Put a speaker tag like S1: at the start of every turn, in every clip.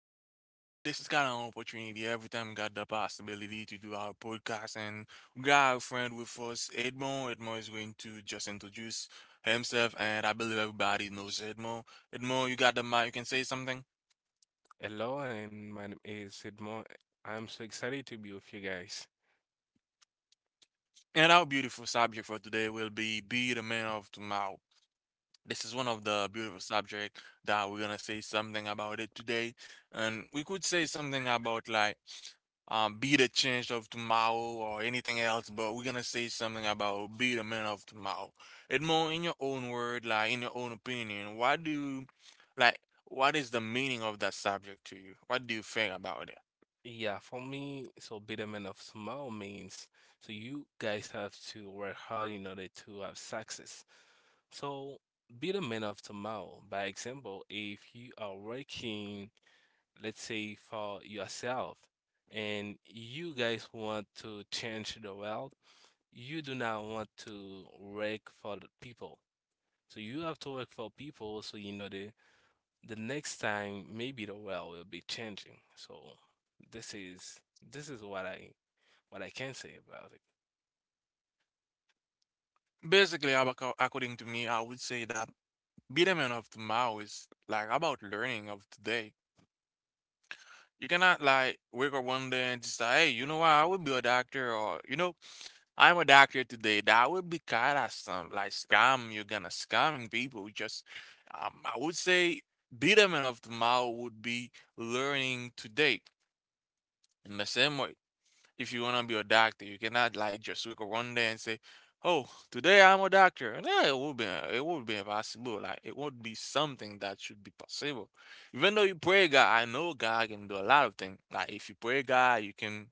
S1: to everybody. This is kind of an opportunity. Every time we got the possibility to do our podcast, and we got our friend with us, Edmo. Edmo is going to just introduce himself, and I believe everybody knows Edmo. Edmo, you got the mic. You can say something.
S2: Hello, and my name is Sidmo. I'm so excited to be with you guys.
S1: And our beautiful subject for today will be "Be the Man of Tomorrow." This is one of the beautiful subject that we're gonna say something about it today, and we could say something about be the change of tomorrow or anything else, but we're gonna say something about be the man of tomorrow. Edmond, in your own word, like in your own opinion, what do you, like what is the meaning of that subject to you? What do you think about it?
S2: Yeah, for me, so be the man of small means so you guys have to work hard in order to have success. So be the man of tomorrow. By example, if you are working, let's say for yourself, and you guys want to change the world, you do not want to work for the people. So you have to work for people so in order the next time maybe the world will be changing. So this is this is what I can say about it.
S1: Basically, according to me, I would say that be the man of tomorrow is like about learning of today. You cannot like wake up one day and just like, hey, you know what? I would be a doctor, or you know, I'm a doctor today. That would be kind of some like scam. You're gonna scamming people. I would say, betterment of tomorrow would be learning today in the same way if you wanna be a doctor. You cannot like just wake up one day and say, "Oh, today I'm a doctor." No, it would be impossible. Like it would be something that should be possible. Even though you pray God, I know God can do a lot of things. Like if you pray God, you can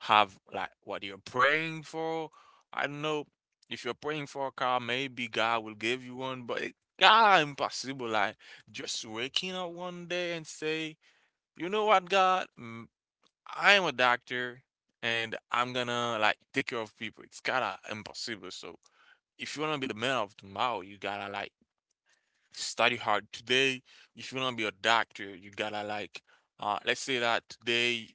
S1: have like what you're praying for. I don't know if you're praying for a car, maybe God will give you one, but it, God impossible. Like just waking up one day and say, you know what, God? Mm, I am a doctor and I'm gonna like take care of people. It's kinda impossible. So if you wanna be the man of tomorrow, you gotta like study hard today. If you wanna be a doctor, you gotta let's say that today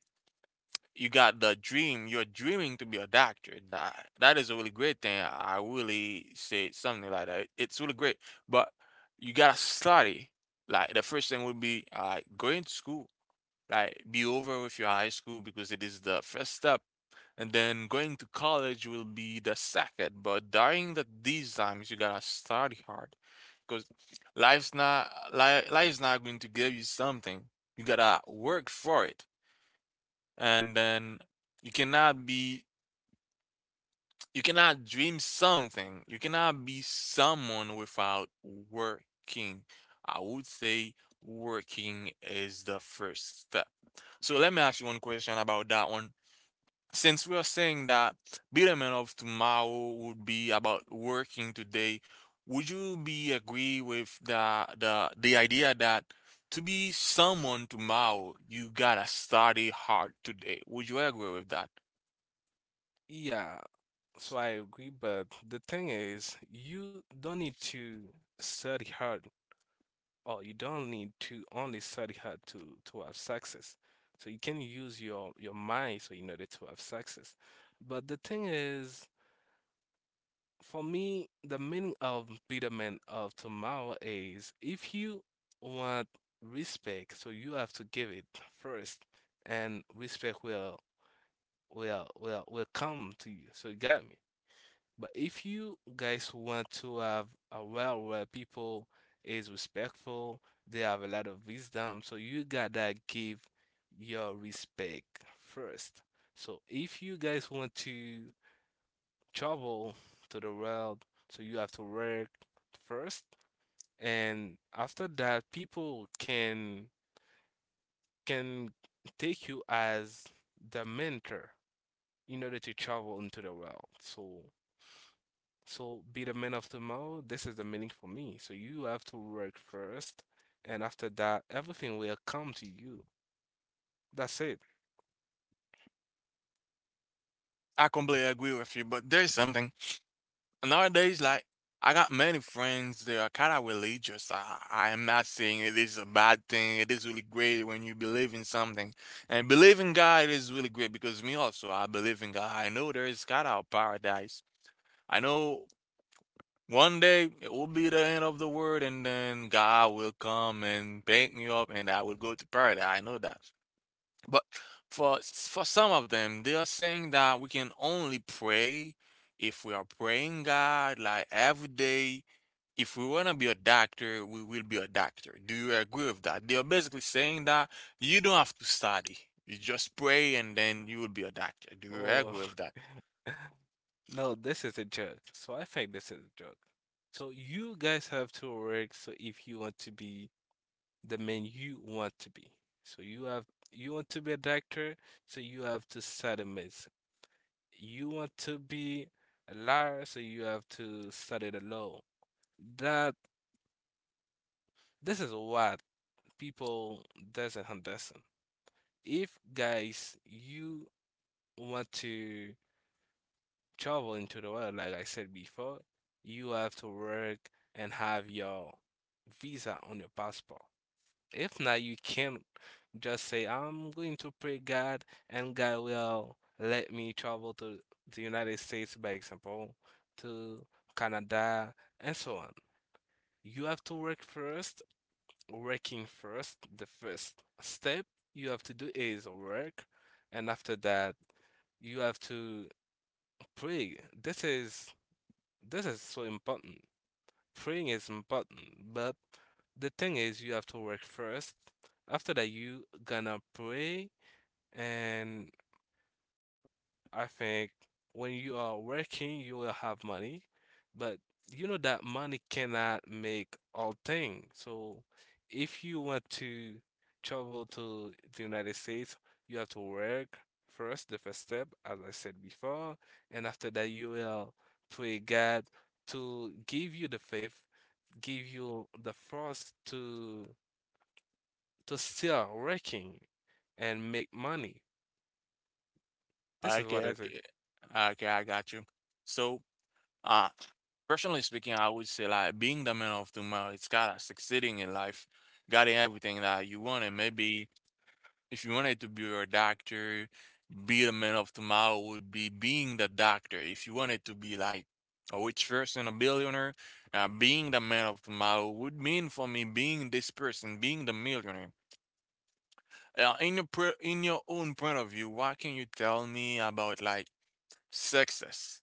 S1: you got the dream, you're dreaming to be a doctor. That is a really great thing. I really say something like that. It's really great. But you gotta study. Like the first thing would be going to school, right? Be over with your high school because it is the first step. And then going to college will be the second. But during these times, you gotta study hard because life's not going to give you something. You gotta work for it. And then you cannot be you cannot dream something. You cannot be someone without working. I would say working is the first step. So let me ask you one question about that one. Since we are saying that betterment of tomorrow would be about working today, would you be agree with the idea that to be someone tomorrow, you gotta study hard today? Would you agree with that?
S2: Yeah, so I agree, but the thing is you don't need to study hard or you don't need to only study hard to have success. So you can use your mind so in order to have success. But the thing is, for me, the meaning of betterment of tomorrow is if you want respect, so you have to give it first, and respect will come to you. So you got me. But if you guys want to have a world where people is respectful, they have a lot of wisdom, so you gotta give your respect first. So if you guys want to travel to the world, so you have to work first, and after that, people can take you as the mentor in order to travel into the world. So be the man of tomorrow. This is the meaning for me. So you have to work first, and after that, everything will come to you. That's it.
S1: I completely agree with you, but there's something nowadays, like I got many friends that are kind of religious. I am not saying it is a bad thing. It is really great when you believe in something, and believe in God is really great because me also I believe in God. I know there is kind of paradise. I know one day it will be the end of the world, and then God will come and pick me up, and I will go to paradise. I know that. But for some of them, they are saying that we can only pray if we are praying God like every day. If we want to be a doctor, we will be a doctor. Do you agree with that? They are basically saying that you don't have to study. You just pray and then you will be a doctor. Do you
S2: Oh,
S1: agree with that?
S2: no, this is a joke. So I think this is a joke. So you guys have to work. So if you want to be the man you want to be, so you have you want to be a doctor, so you have to study medicine. You want to be a lawyer, so you have to study the law. That this is what people doesn't understand. If guys you want to travel into the world, like I said before, you have to work and have your visa on your passport. If not, you can't just say, I'm going to pray God and God will let me travel to the United States, by example, to Canada, and so on. You have to work first, working first. The first step you have to do is work, and after that, you have to pray. This is so important. Freeing is important, but the thing is, you have to work first. After that, you gonna pray, and I think when you are working, you will have money, but you know that money cannot make all things. So if you want to travel to the United States, you have to work first, the first step, as I said before, and after that, you will pray God to give you the faith, give you the force to still working and make money. This is
S1: Okay,
S2: what is it.
S1: okay. Okay, I got you. So, uh, personally speaking, I would say like being the man of tomorrow, it's kind of succeeding in life, getting everything that you want and maybe if you wanted to be a doctor, be the man of tomorrow would be being the doctor. If you wanted to be like a rich person, a billionaire, being the man of tomorrow would mean for me being this person, being the millionaire. In your own point of view, what can you tell me about like success?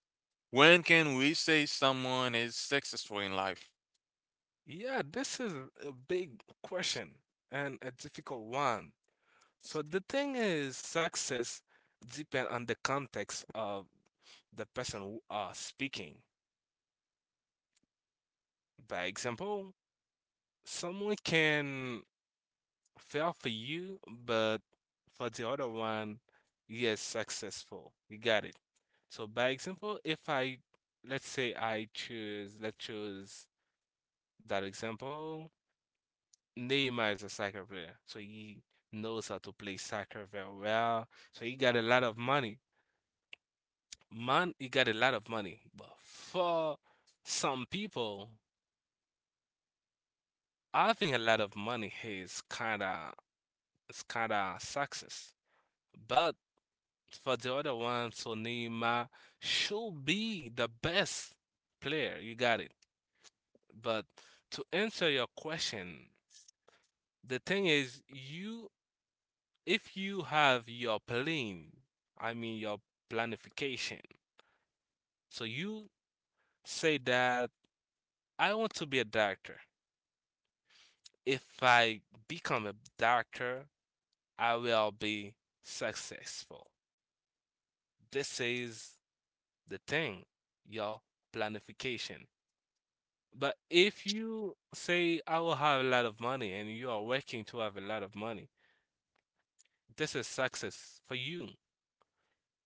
S1: When can we say someone is successful in life?
S2: Yeah, this is a big question and a difficult one. So the thing is, success depends on the context of the person who are speaking. By example, someone can fail for you, but for the other one, he is successful. You got it. So by example, if I let's say I choose let's choose that example. Neymar is a soccer player, so he knows how to play soccer very well. So he got a lot of money. Man, he got a lot of money. But for some people, having a lot of money is kinda success. But for the other one, so Neymar should be the best player. You got it. But to answer your question, the thing is, you if you have your plan, I mean your planification. So you say that I want to be a doctor. If I become a doctor, I will be successful. This is the thing, your planification. But if you say, I will have a lot of money, and you are working to have a lot of money, this is success for you.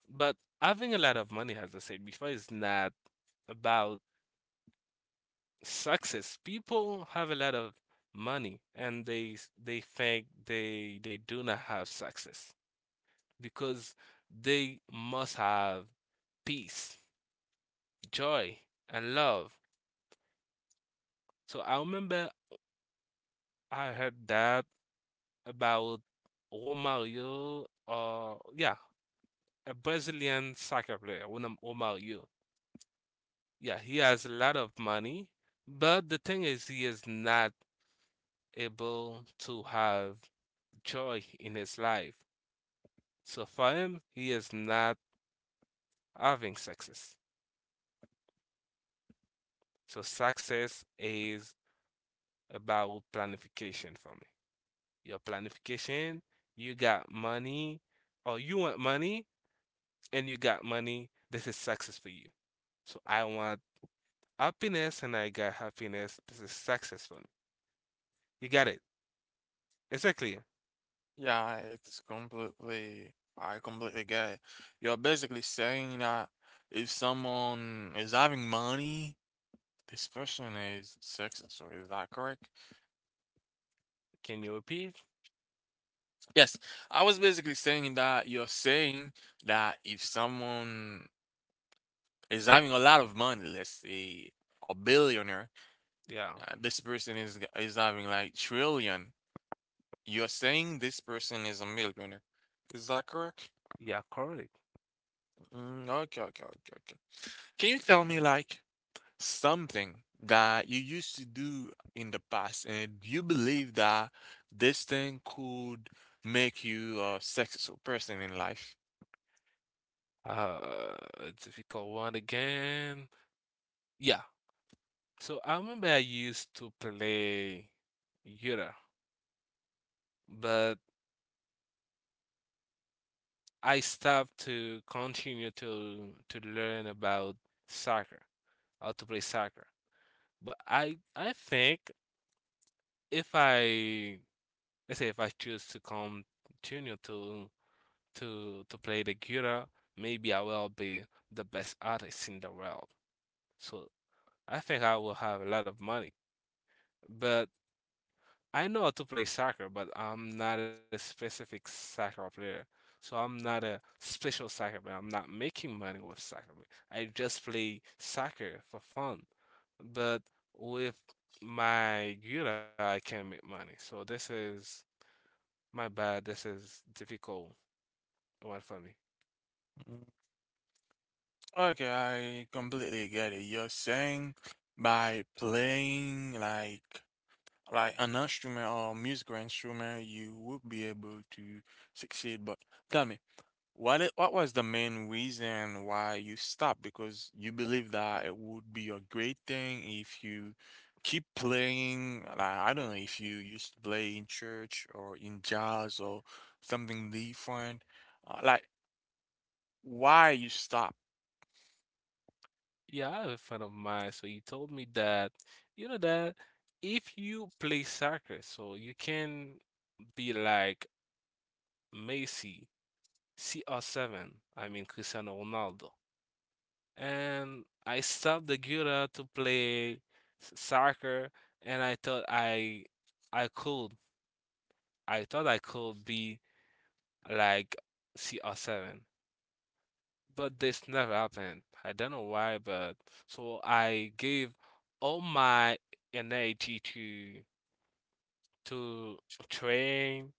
S2: But having a lot of money, as I said before, is not about success. People have a lot of money and they think they do not have success because they must have peace, joy, and love. So I remember I heard that about Romario, yeah, a Brazilian soccer player, one of Romario. Yeah, he has a lot of money, but the thing is, he is not able to have joy in his life. So for him, he is not having success. So success is about planification for me. Your planification, you got money, or you want money, and you got money. This is success for you. So I want happiness, and I got happiness. This is success for me. You got it. Exactly.
S1: Yeah, it's completely, I completely get it. You're basically saying that if someone is having money, this person is successful. Is that correct?
S2: Can you repeat?
S1: Yes, I was basically saying that you're saying that if someone is having a lot of money, let's say a billionaire,
S2: Yeah,
S1: this person is g- is having like trillion. You're saying this person is a millionaire. Is that correct?
S2: yeah, correct.
S1: Mm, okay, okay, okay, okay. Can you tell me like something that you used to do in the past and you believe that this thing could make you a successful person in life.
S2: Uh, a difficult one again. Yeah. So I remember I used to play Yura, but I stopped to continue to learn about soccer, how to play soccer. But I think if I let's say if I choose to continue to play the Yura, maybe I will be the best artist in the world. So I think I will have a lot of money. But I know how to play soccer, but I'm not a specific soccer player. So I'm not a special soccer player. I'm not making money with soccer. I just play soccer for fun. But with my guitar, I can make money. So this is my bad. This is difficult one for me.
S1: Mm, okay, I completely get it. You're saying by playing like an instrument or musical instrument, you would be able to succeed. But tell me, what was the main reason why you stopped? Because you believe that it would be a great thing if you keep playing. Like, I don't know if you used to play in church or in jazz or something different. Uh, like, why you stop?
S2: Yeah, I have a friend of mine. So he told me that, you know, that if you play soccer, so you can be like Messi, CR7, I mean Cristiano Ronaldo. And I stopped the Gura to play soccer, and I could, I thought I could be like CR7. But this never happened. I don't know why, but so I gave all my energy to train,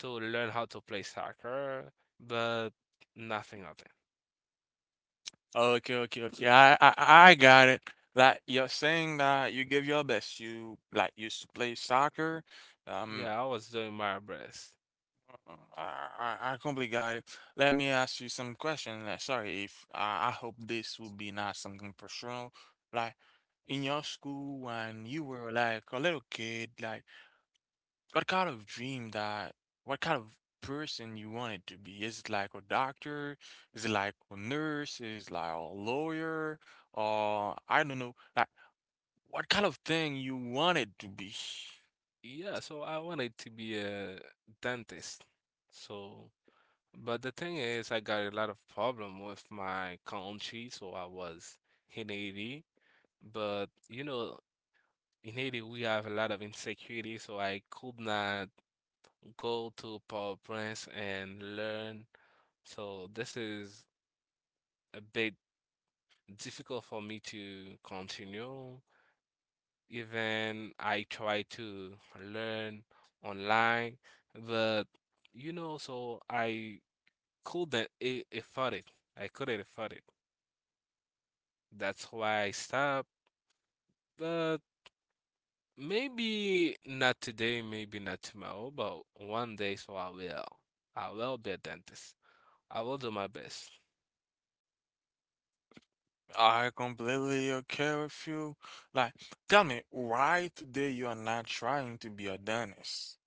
S2: to learn how to play soccer, but nothing happened.
S1: Okay, okay, okay. I got it. Like, you're saying that you give your best. You like used to play soccer. Um,
S2: Yeah, I was doing my best.
S1: I completely got it. Let me ask you some question. Like, sorry if I, I hope this will be not something personal. Like, in your school when you were like a little kid, what kind of dream that, what kind of person you wanted to be? Is it like a doctor? Is it like a nurse? Is it like a lawyer? Or I don't know, like what kind of thing you wanted to be?
S2: Yeah, so I wanted to be a dentist. So, but the thing is, I got a lot of problem with my country, so I was in Haiti. But you know, in Haiti, we have a lot of insecurity, so I could not go to Port-au-Prince and learn. So this is a bit difficult for me to continue. Even I try to learn online, but you know, so I couldn't a- afford it. I couldn't afford it. That's why I stopped. But maybe not today, maybe not tomorrow, but one day, so I will. I will be a dentist. I will do my best.
S1: I completely okay with you. Like, tell me why today you are not trying to be a dentist?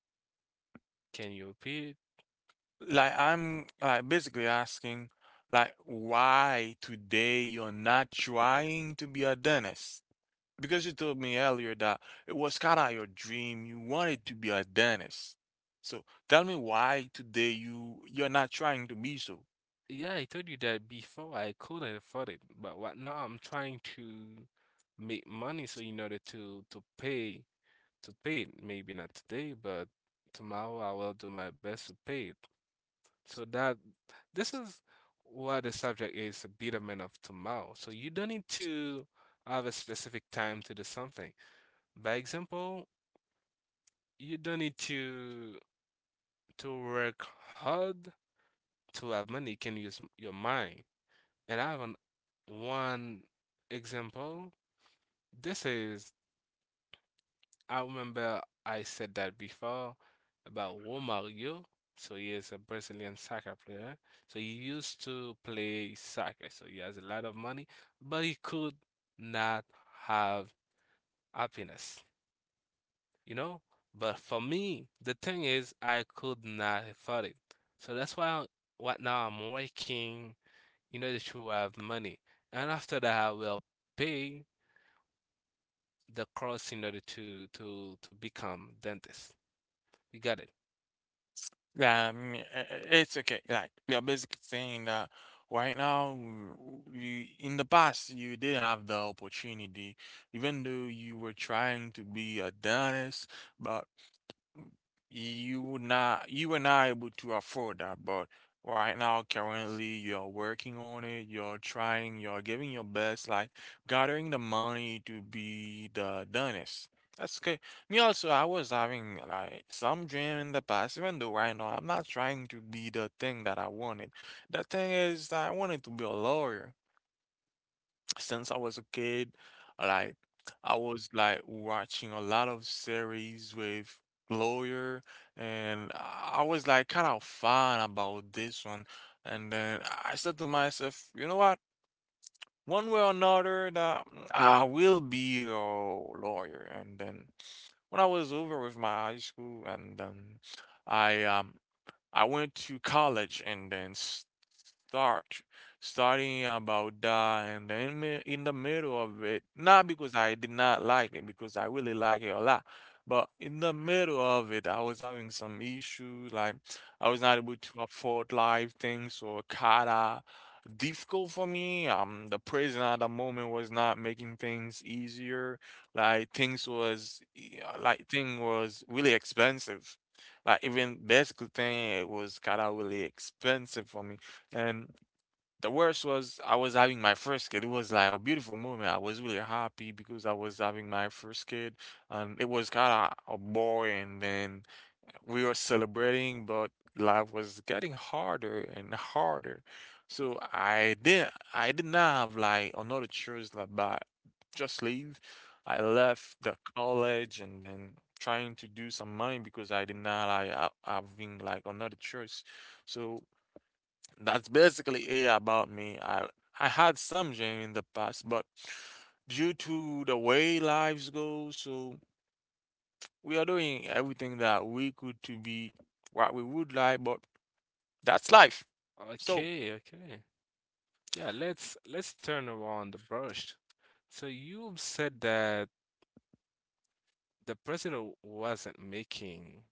S2: Can you repeat?
S1: Like, I'm like basically asking, like, why today you're not trying to be a dentist? Because you told me earlier that it was kind of your dream. You wanted to be a dentist. So tell me why today you you're not trying to be so.
S2: Yeah, I told you that before I couldn't afford it, but what now I'm trying to make money so in order to pay to pay it. Maybe not today, but tomorrow I will do my best to pay it. So that this is what the subject is, a betterment of tomorrow. So you don't need to have a specific time to do something. By example, you don't need to work hard to have money. You can your mind. And I have an, One example. This is, I remember I said that before about Romario. So he is a Brazilian soccer player. So he used to play soccer. So he has a lot of money, but he could not have happiness. You know? But for me, the thing is, I could not afford it. So that's why what now I'm working in order to have money. And after that, I will pay the cost in order to become dentist. You got it?
S1: Yeah, I mean, it's okay. Like you're basically saying that right now, you in the past you did have the opportunity, even though you were trying to be a dentist, but you were not able to afford that, but right now currently you're working on it, you're trying, you're giving your best, like gathering the money to be the dentist. That's good. Me also, I was having like some dream in the past, even though right now I'm not trying to be the thing that I wanted. The thing is that I wanted to be a lawyer since I was a kid. Like I was like watching a lot of series with lawyer, and I was like kind of fun about this one. And then I said to myself, you know what? One way or another, that I will be a lawyer. And then when I was over with my high school, and then I um I went to college and then start studying about that, and then in the middle of it, not because I did not like it, because I really like it a lot, but in the middle of it, I was having some issues, like I was not able to afford life things or kinda difficult for me. The prison at the moment was not making things easier. Like like thing was really expensive. Like even this thing, it was kind of really expensive for me. And the worst was I was having my first kid. It was like a beautiful moment. I was really happy because I was having my first kid, and it was kind of a boy. And then we were celebrating, but life was getting harder and harder. So I did not have like another choice like but just leave. I left the college and then trying to do some money because I did not having like another choice. So that's basically it about me. I had some dream in the past, but due to the way lives go, so. We are doing everything that we could to be what we would like, but that's life. So,
S2: Okay, okay. Yeah, let's turn around the brush. So you said that the president wasn't making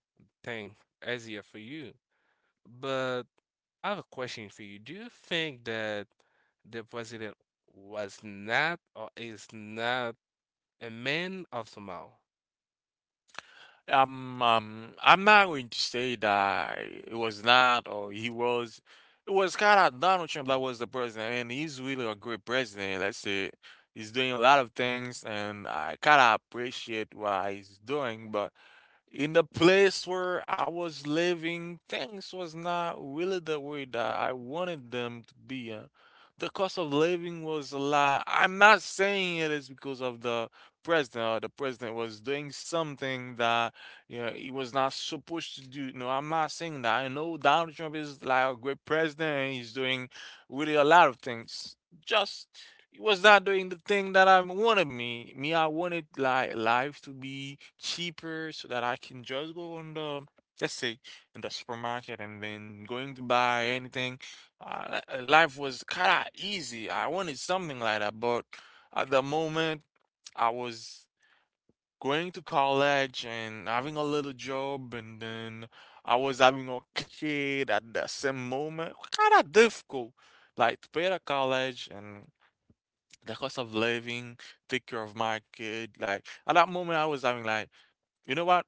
S2: thing easier for you. But I have a question for you. Do you think that the president was not or is not a man of Samoa?
S1: I'm not going to say that it was not or he was. It was kind of Donald Trump that was the president, and he's really a great president. Let's say he's doing a lot of things, and I kind of appreciate what he's doing, but in the place where I was living, things was not really the way that I wanted them to be. The cost of living was a lot. I'm not saying it is because of the president or the president was doing something that you know he was not supposed to do. No, I'm not saying that. I know Donald Trump is like a great president and he's doing really a lot of things. Just he was not doing the thing that I wanted me. Me, I wanted like life to be cheaper so that I can just go on the, let's say, in the supermarket and then going to buy anything. Life was kind of easy. I wanted something like that, but at the moment I was going to college and having a little job and then I was having a kid at the same moment. Kind of difficult, like to pay the college and the cost of living, take care of my kid. Like at that moment, I was having like, you know what?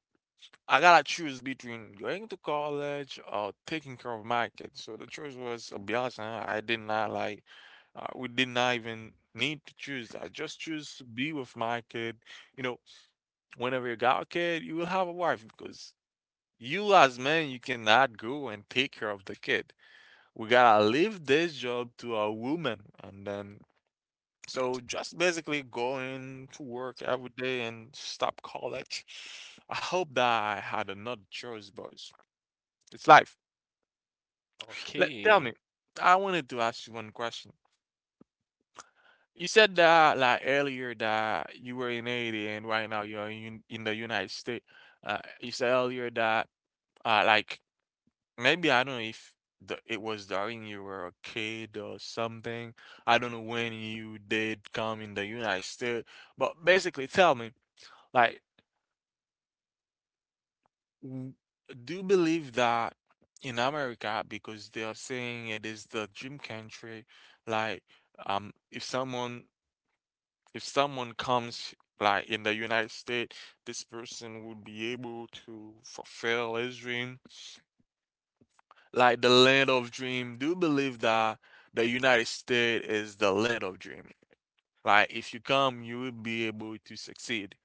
S1: I gotta choose between going to college or taking care of my kid. So the choice was obvious. Huh? I did not like, we did not even need to choose. I just choose to be with my kid. You know, whenever you got a kid, you will have a wife because you as men, you cannot go and take care of the kid. We gotta leave this job to a woman, and then so just basically going to work every day and stop college. I hope that I had another choice, boys. It's life. Let tell me.
S2: Okay.
S1: I wanted to ask you one question. You said that like earlier that you were in Haiti and right now you're in the United States. You said earlier that like maybe I don't know if it was during you were a kid or something. I don't know when you did come in the United States, but basically tell me like w- do believe that in America, because they are saying it is the dream country, like, if someone, if someone comes like in the United States, this person would be able to fulfill his dream, like the land of dream. Do believe that the United States is the land of dream. Like if you come, you will be able to succeed.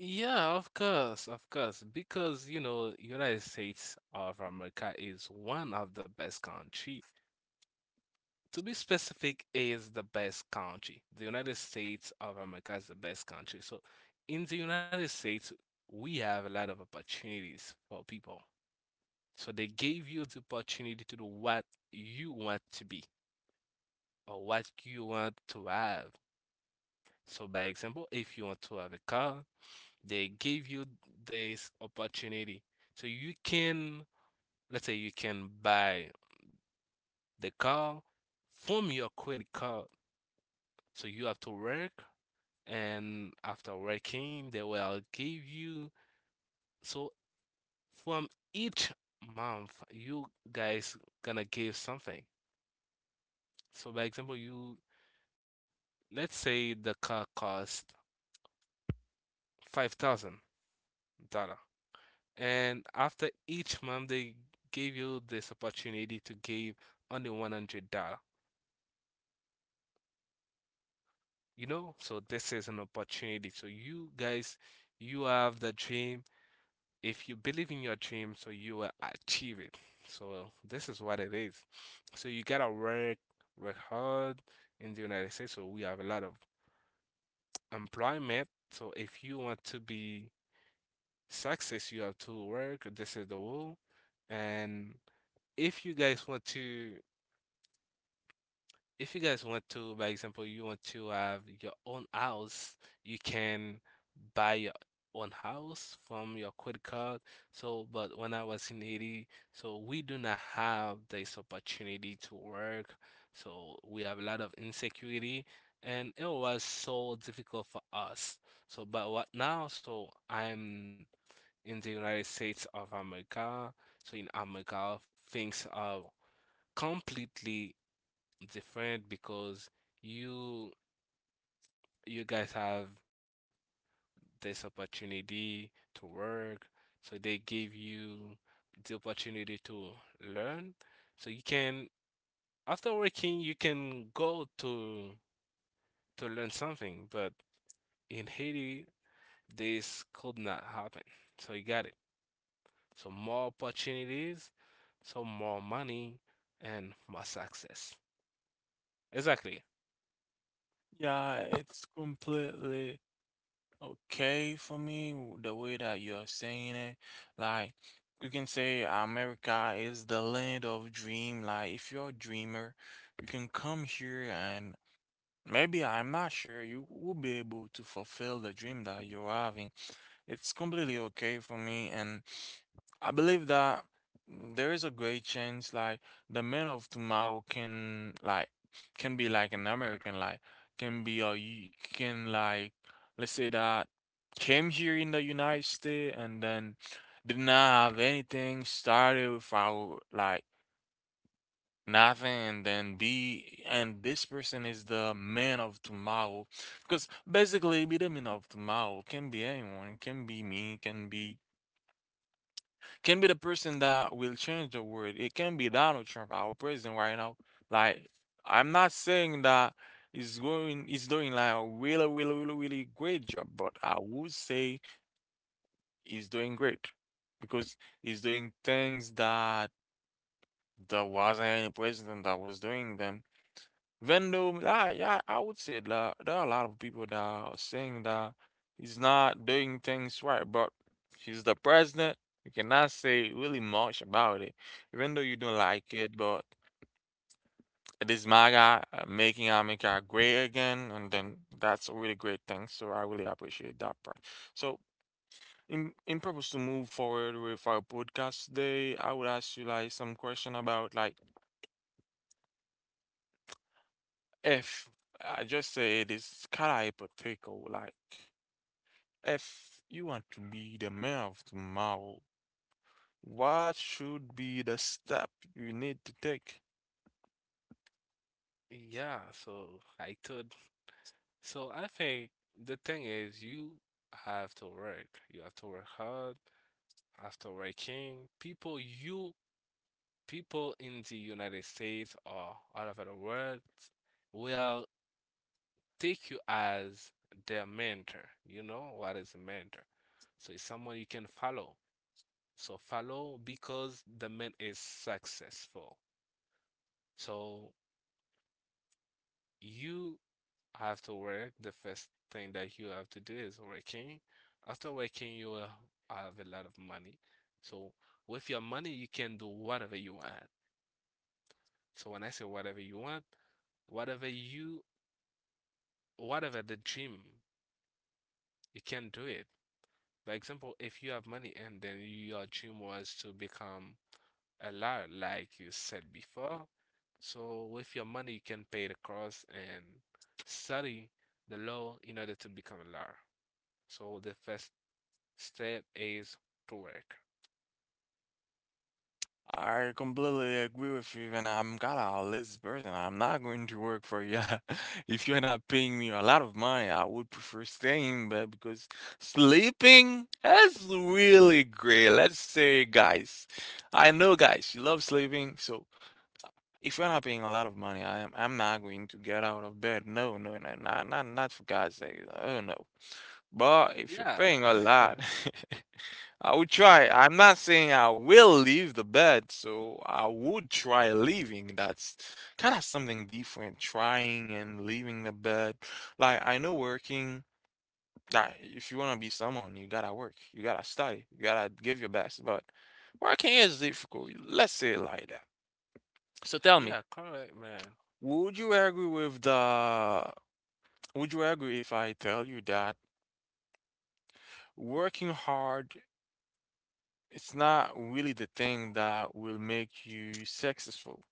S2: Yeah, of course, of course. Because, you know, United States of America is one of the best country. To be specific, is the best country. The United States of America is the best country. So in the United States, we have a lot of opportunities for people. So they gave you the opportunity to do what you want to be or what you want to have. So, by example, if you want to have a car, they give you this opportunity. So you can, let's say, you can buy the car from your credit card. So you have to work, and after working, they will give you. So from each month, you guys gonna give something. So, by example, you, let's say the car cost $5,000, and after each month they gave you this opportunity to give only $100. You know, so this is an opportunity. So you guys, you have the dream. If you believe in your dream, so you will achieve it. So this is what it is. So you gotta work, work hard in the United States. So we have a lot of employment. So if you want to be success, you have to work. This is the rule. And if you guys want to if you guys want to, by example, you want to have your own house, you can buy your own house from your credit card. So but when I was in Haiti, so we do not have this opportunity to work, so we have a lot of insecurity, and it was so difficult for us. So but what now, so I'm in the United States of America, so in America, things are completely different because you you guys have this opportunity to work, so they give you the opportunity to learn. So you can, after working, you can go to learn something, but in Haiti, this could not happen. So you got it. So more opportunities, so more money, and more success. Exactly.
S1: Yeah, it's completely Okay, for me, w- the way that you are saying it, like you can say America is the land of dream. Like if you're a dreamer, you can come here and maybe I'm not sure you will be able to fulfill the dream that you're having. It's completely okay for me, and I believe that there is a great chance, like the man of tomorrow can, like, can be like an American, like, can be a y- can like, let's say that came here in the United States and then did not have anything, started without like nothing, and then be, and this person is the man of tomorrow, because basically be the man of tomorrow can be anyone. It can be me, it can be, can be the person that will change the world. It can be Donald Trump, our president right now. Like I'm not saying that he's doing like a really, really, really, really great job, but I would say he's doing great because he's doing things that there wasn't any president that was doing them. Vendome, I, yeah, I would say that there are a lot of people that are saying that he's not doing things right, but he's the president. You cannot say really much about it, even though you don't like it. But it is MAGA, making America great again, and then that's a really great thing. So I really appreciate that part. So in purpose to move forward with our podcast today, I would ask you like some question about like if I just say it is kind of hypothetical, like. If you want to be the mayor of tomorrow, what should be the step you need to take?
S2: Yeah, so I could. So I think the thing is, you have to work. You have to work hard. After working, people, you, people in the United States or all over the world will take you as their mentor. You know what is a mentor? So it's someone you can follow. So follow because the man is successful. So you have to work. The first thing that you have to do is working. After working, you will have a lot of money. So with your money, you can do whatever you want. So when I say whatever you want, whatever you, whatever the dream, you can do it. For example, if you have money and then your dream was to become a lot, like you said before. So with your money, you can pay the cost and study the law in order to become a lawyer. So the first step is to work.
S1: I completely agree with you, and I'm kind of a lazy person. I'm not going to work for you. If you're not paying me a lot of money, I would prefer staying in bed because sleeping is really great. Let's say, guys, I know, guys, you love sleeping. So if you're not paying a lot of money, I'm not going to get out of bed. No, no, no, not for God's sake. Oh no. But if you're
S2: Yeah.
S1: paying a lot, I would try. I'm not saying I will leave the bed, so I would try leaving. That's kind of something different, trying and leaving the bed. Like I know working, that if you want to be someone, you gotta work, you gotta study, you gotta give your best. But working is difficult. Let's say it like that. So tell me,
S2: Yeah, correct, man.
S1: would you agree with the, would you agree if I tell you that working hard, it's not really the thing that will make you successful.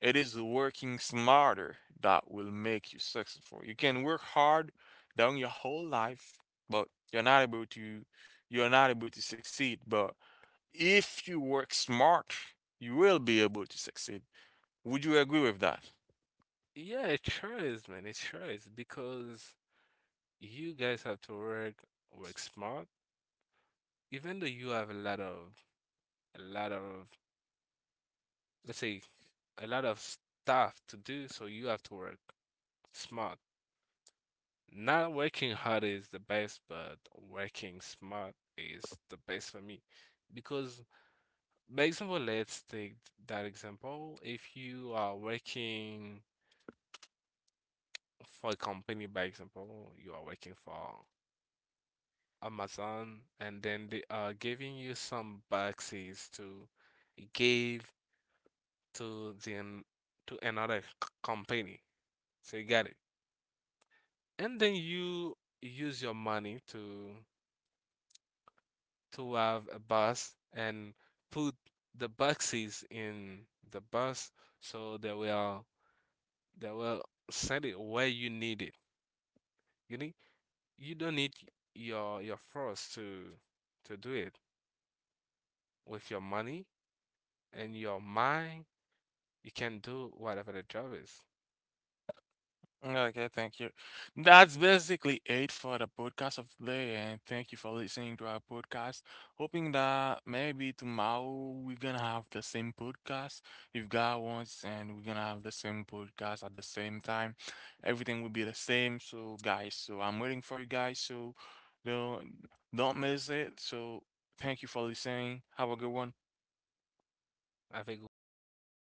S1: It is working smarter that will make you successful. You can work hard down your whole life, but you're not able to succeed. But if you work smart, you will be able to succeed. Would you agree with that?
S2: Yeah, it sure is, man. It sure is because you guys have to work work smart. Even though you have a lot of let's say a lot of stuff to do, so you have to work smart. Not working hard is the best, but working smart is the best for me. Because, by example, let's take that example. If you are working for a company, by example, you are working for Amazon, and then they are giving you some boxes to give to the an- to another company. So you got it. And then you use your money to have a bus and put the boxes in the bus so they will send it where you need it. You need, you don't need your force to do it with your money and your mind. You can do whatever the job is.
S1: Okay, thank you. That's basically it for the podcast of today, and thank you for listening to our podcast. Hoping that maybe tomorrow we're gonna have the same podcast if God wants, and we're gonna have the same podcast at the same time. Everything will be the same. So, guys, so I'm waiting for you guys. So, don't don't miss it. So, thank you for listening. Have a good one.
S2: I think, wow, man?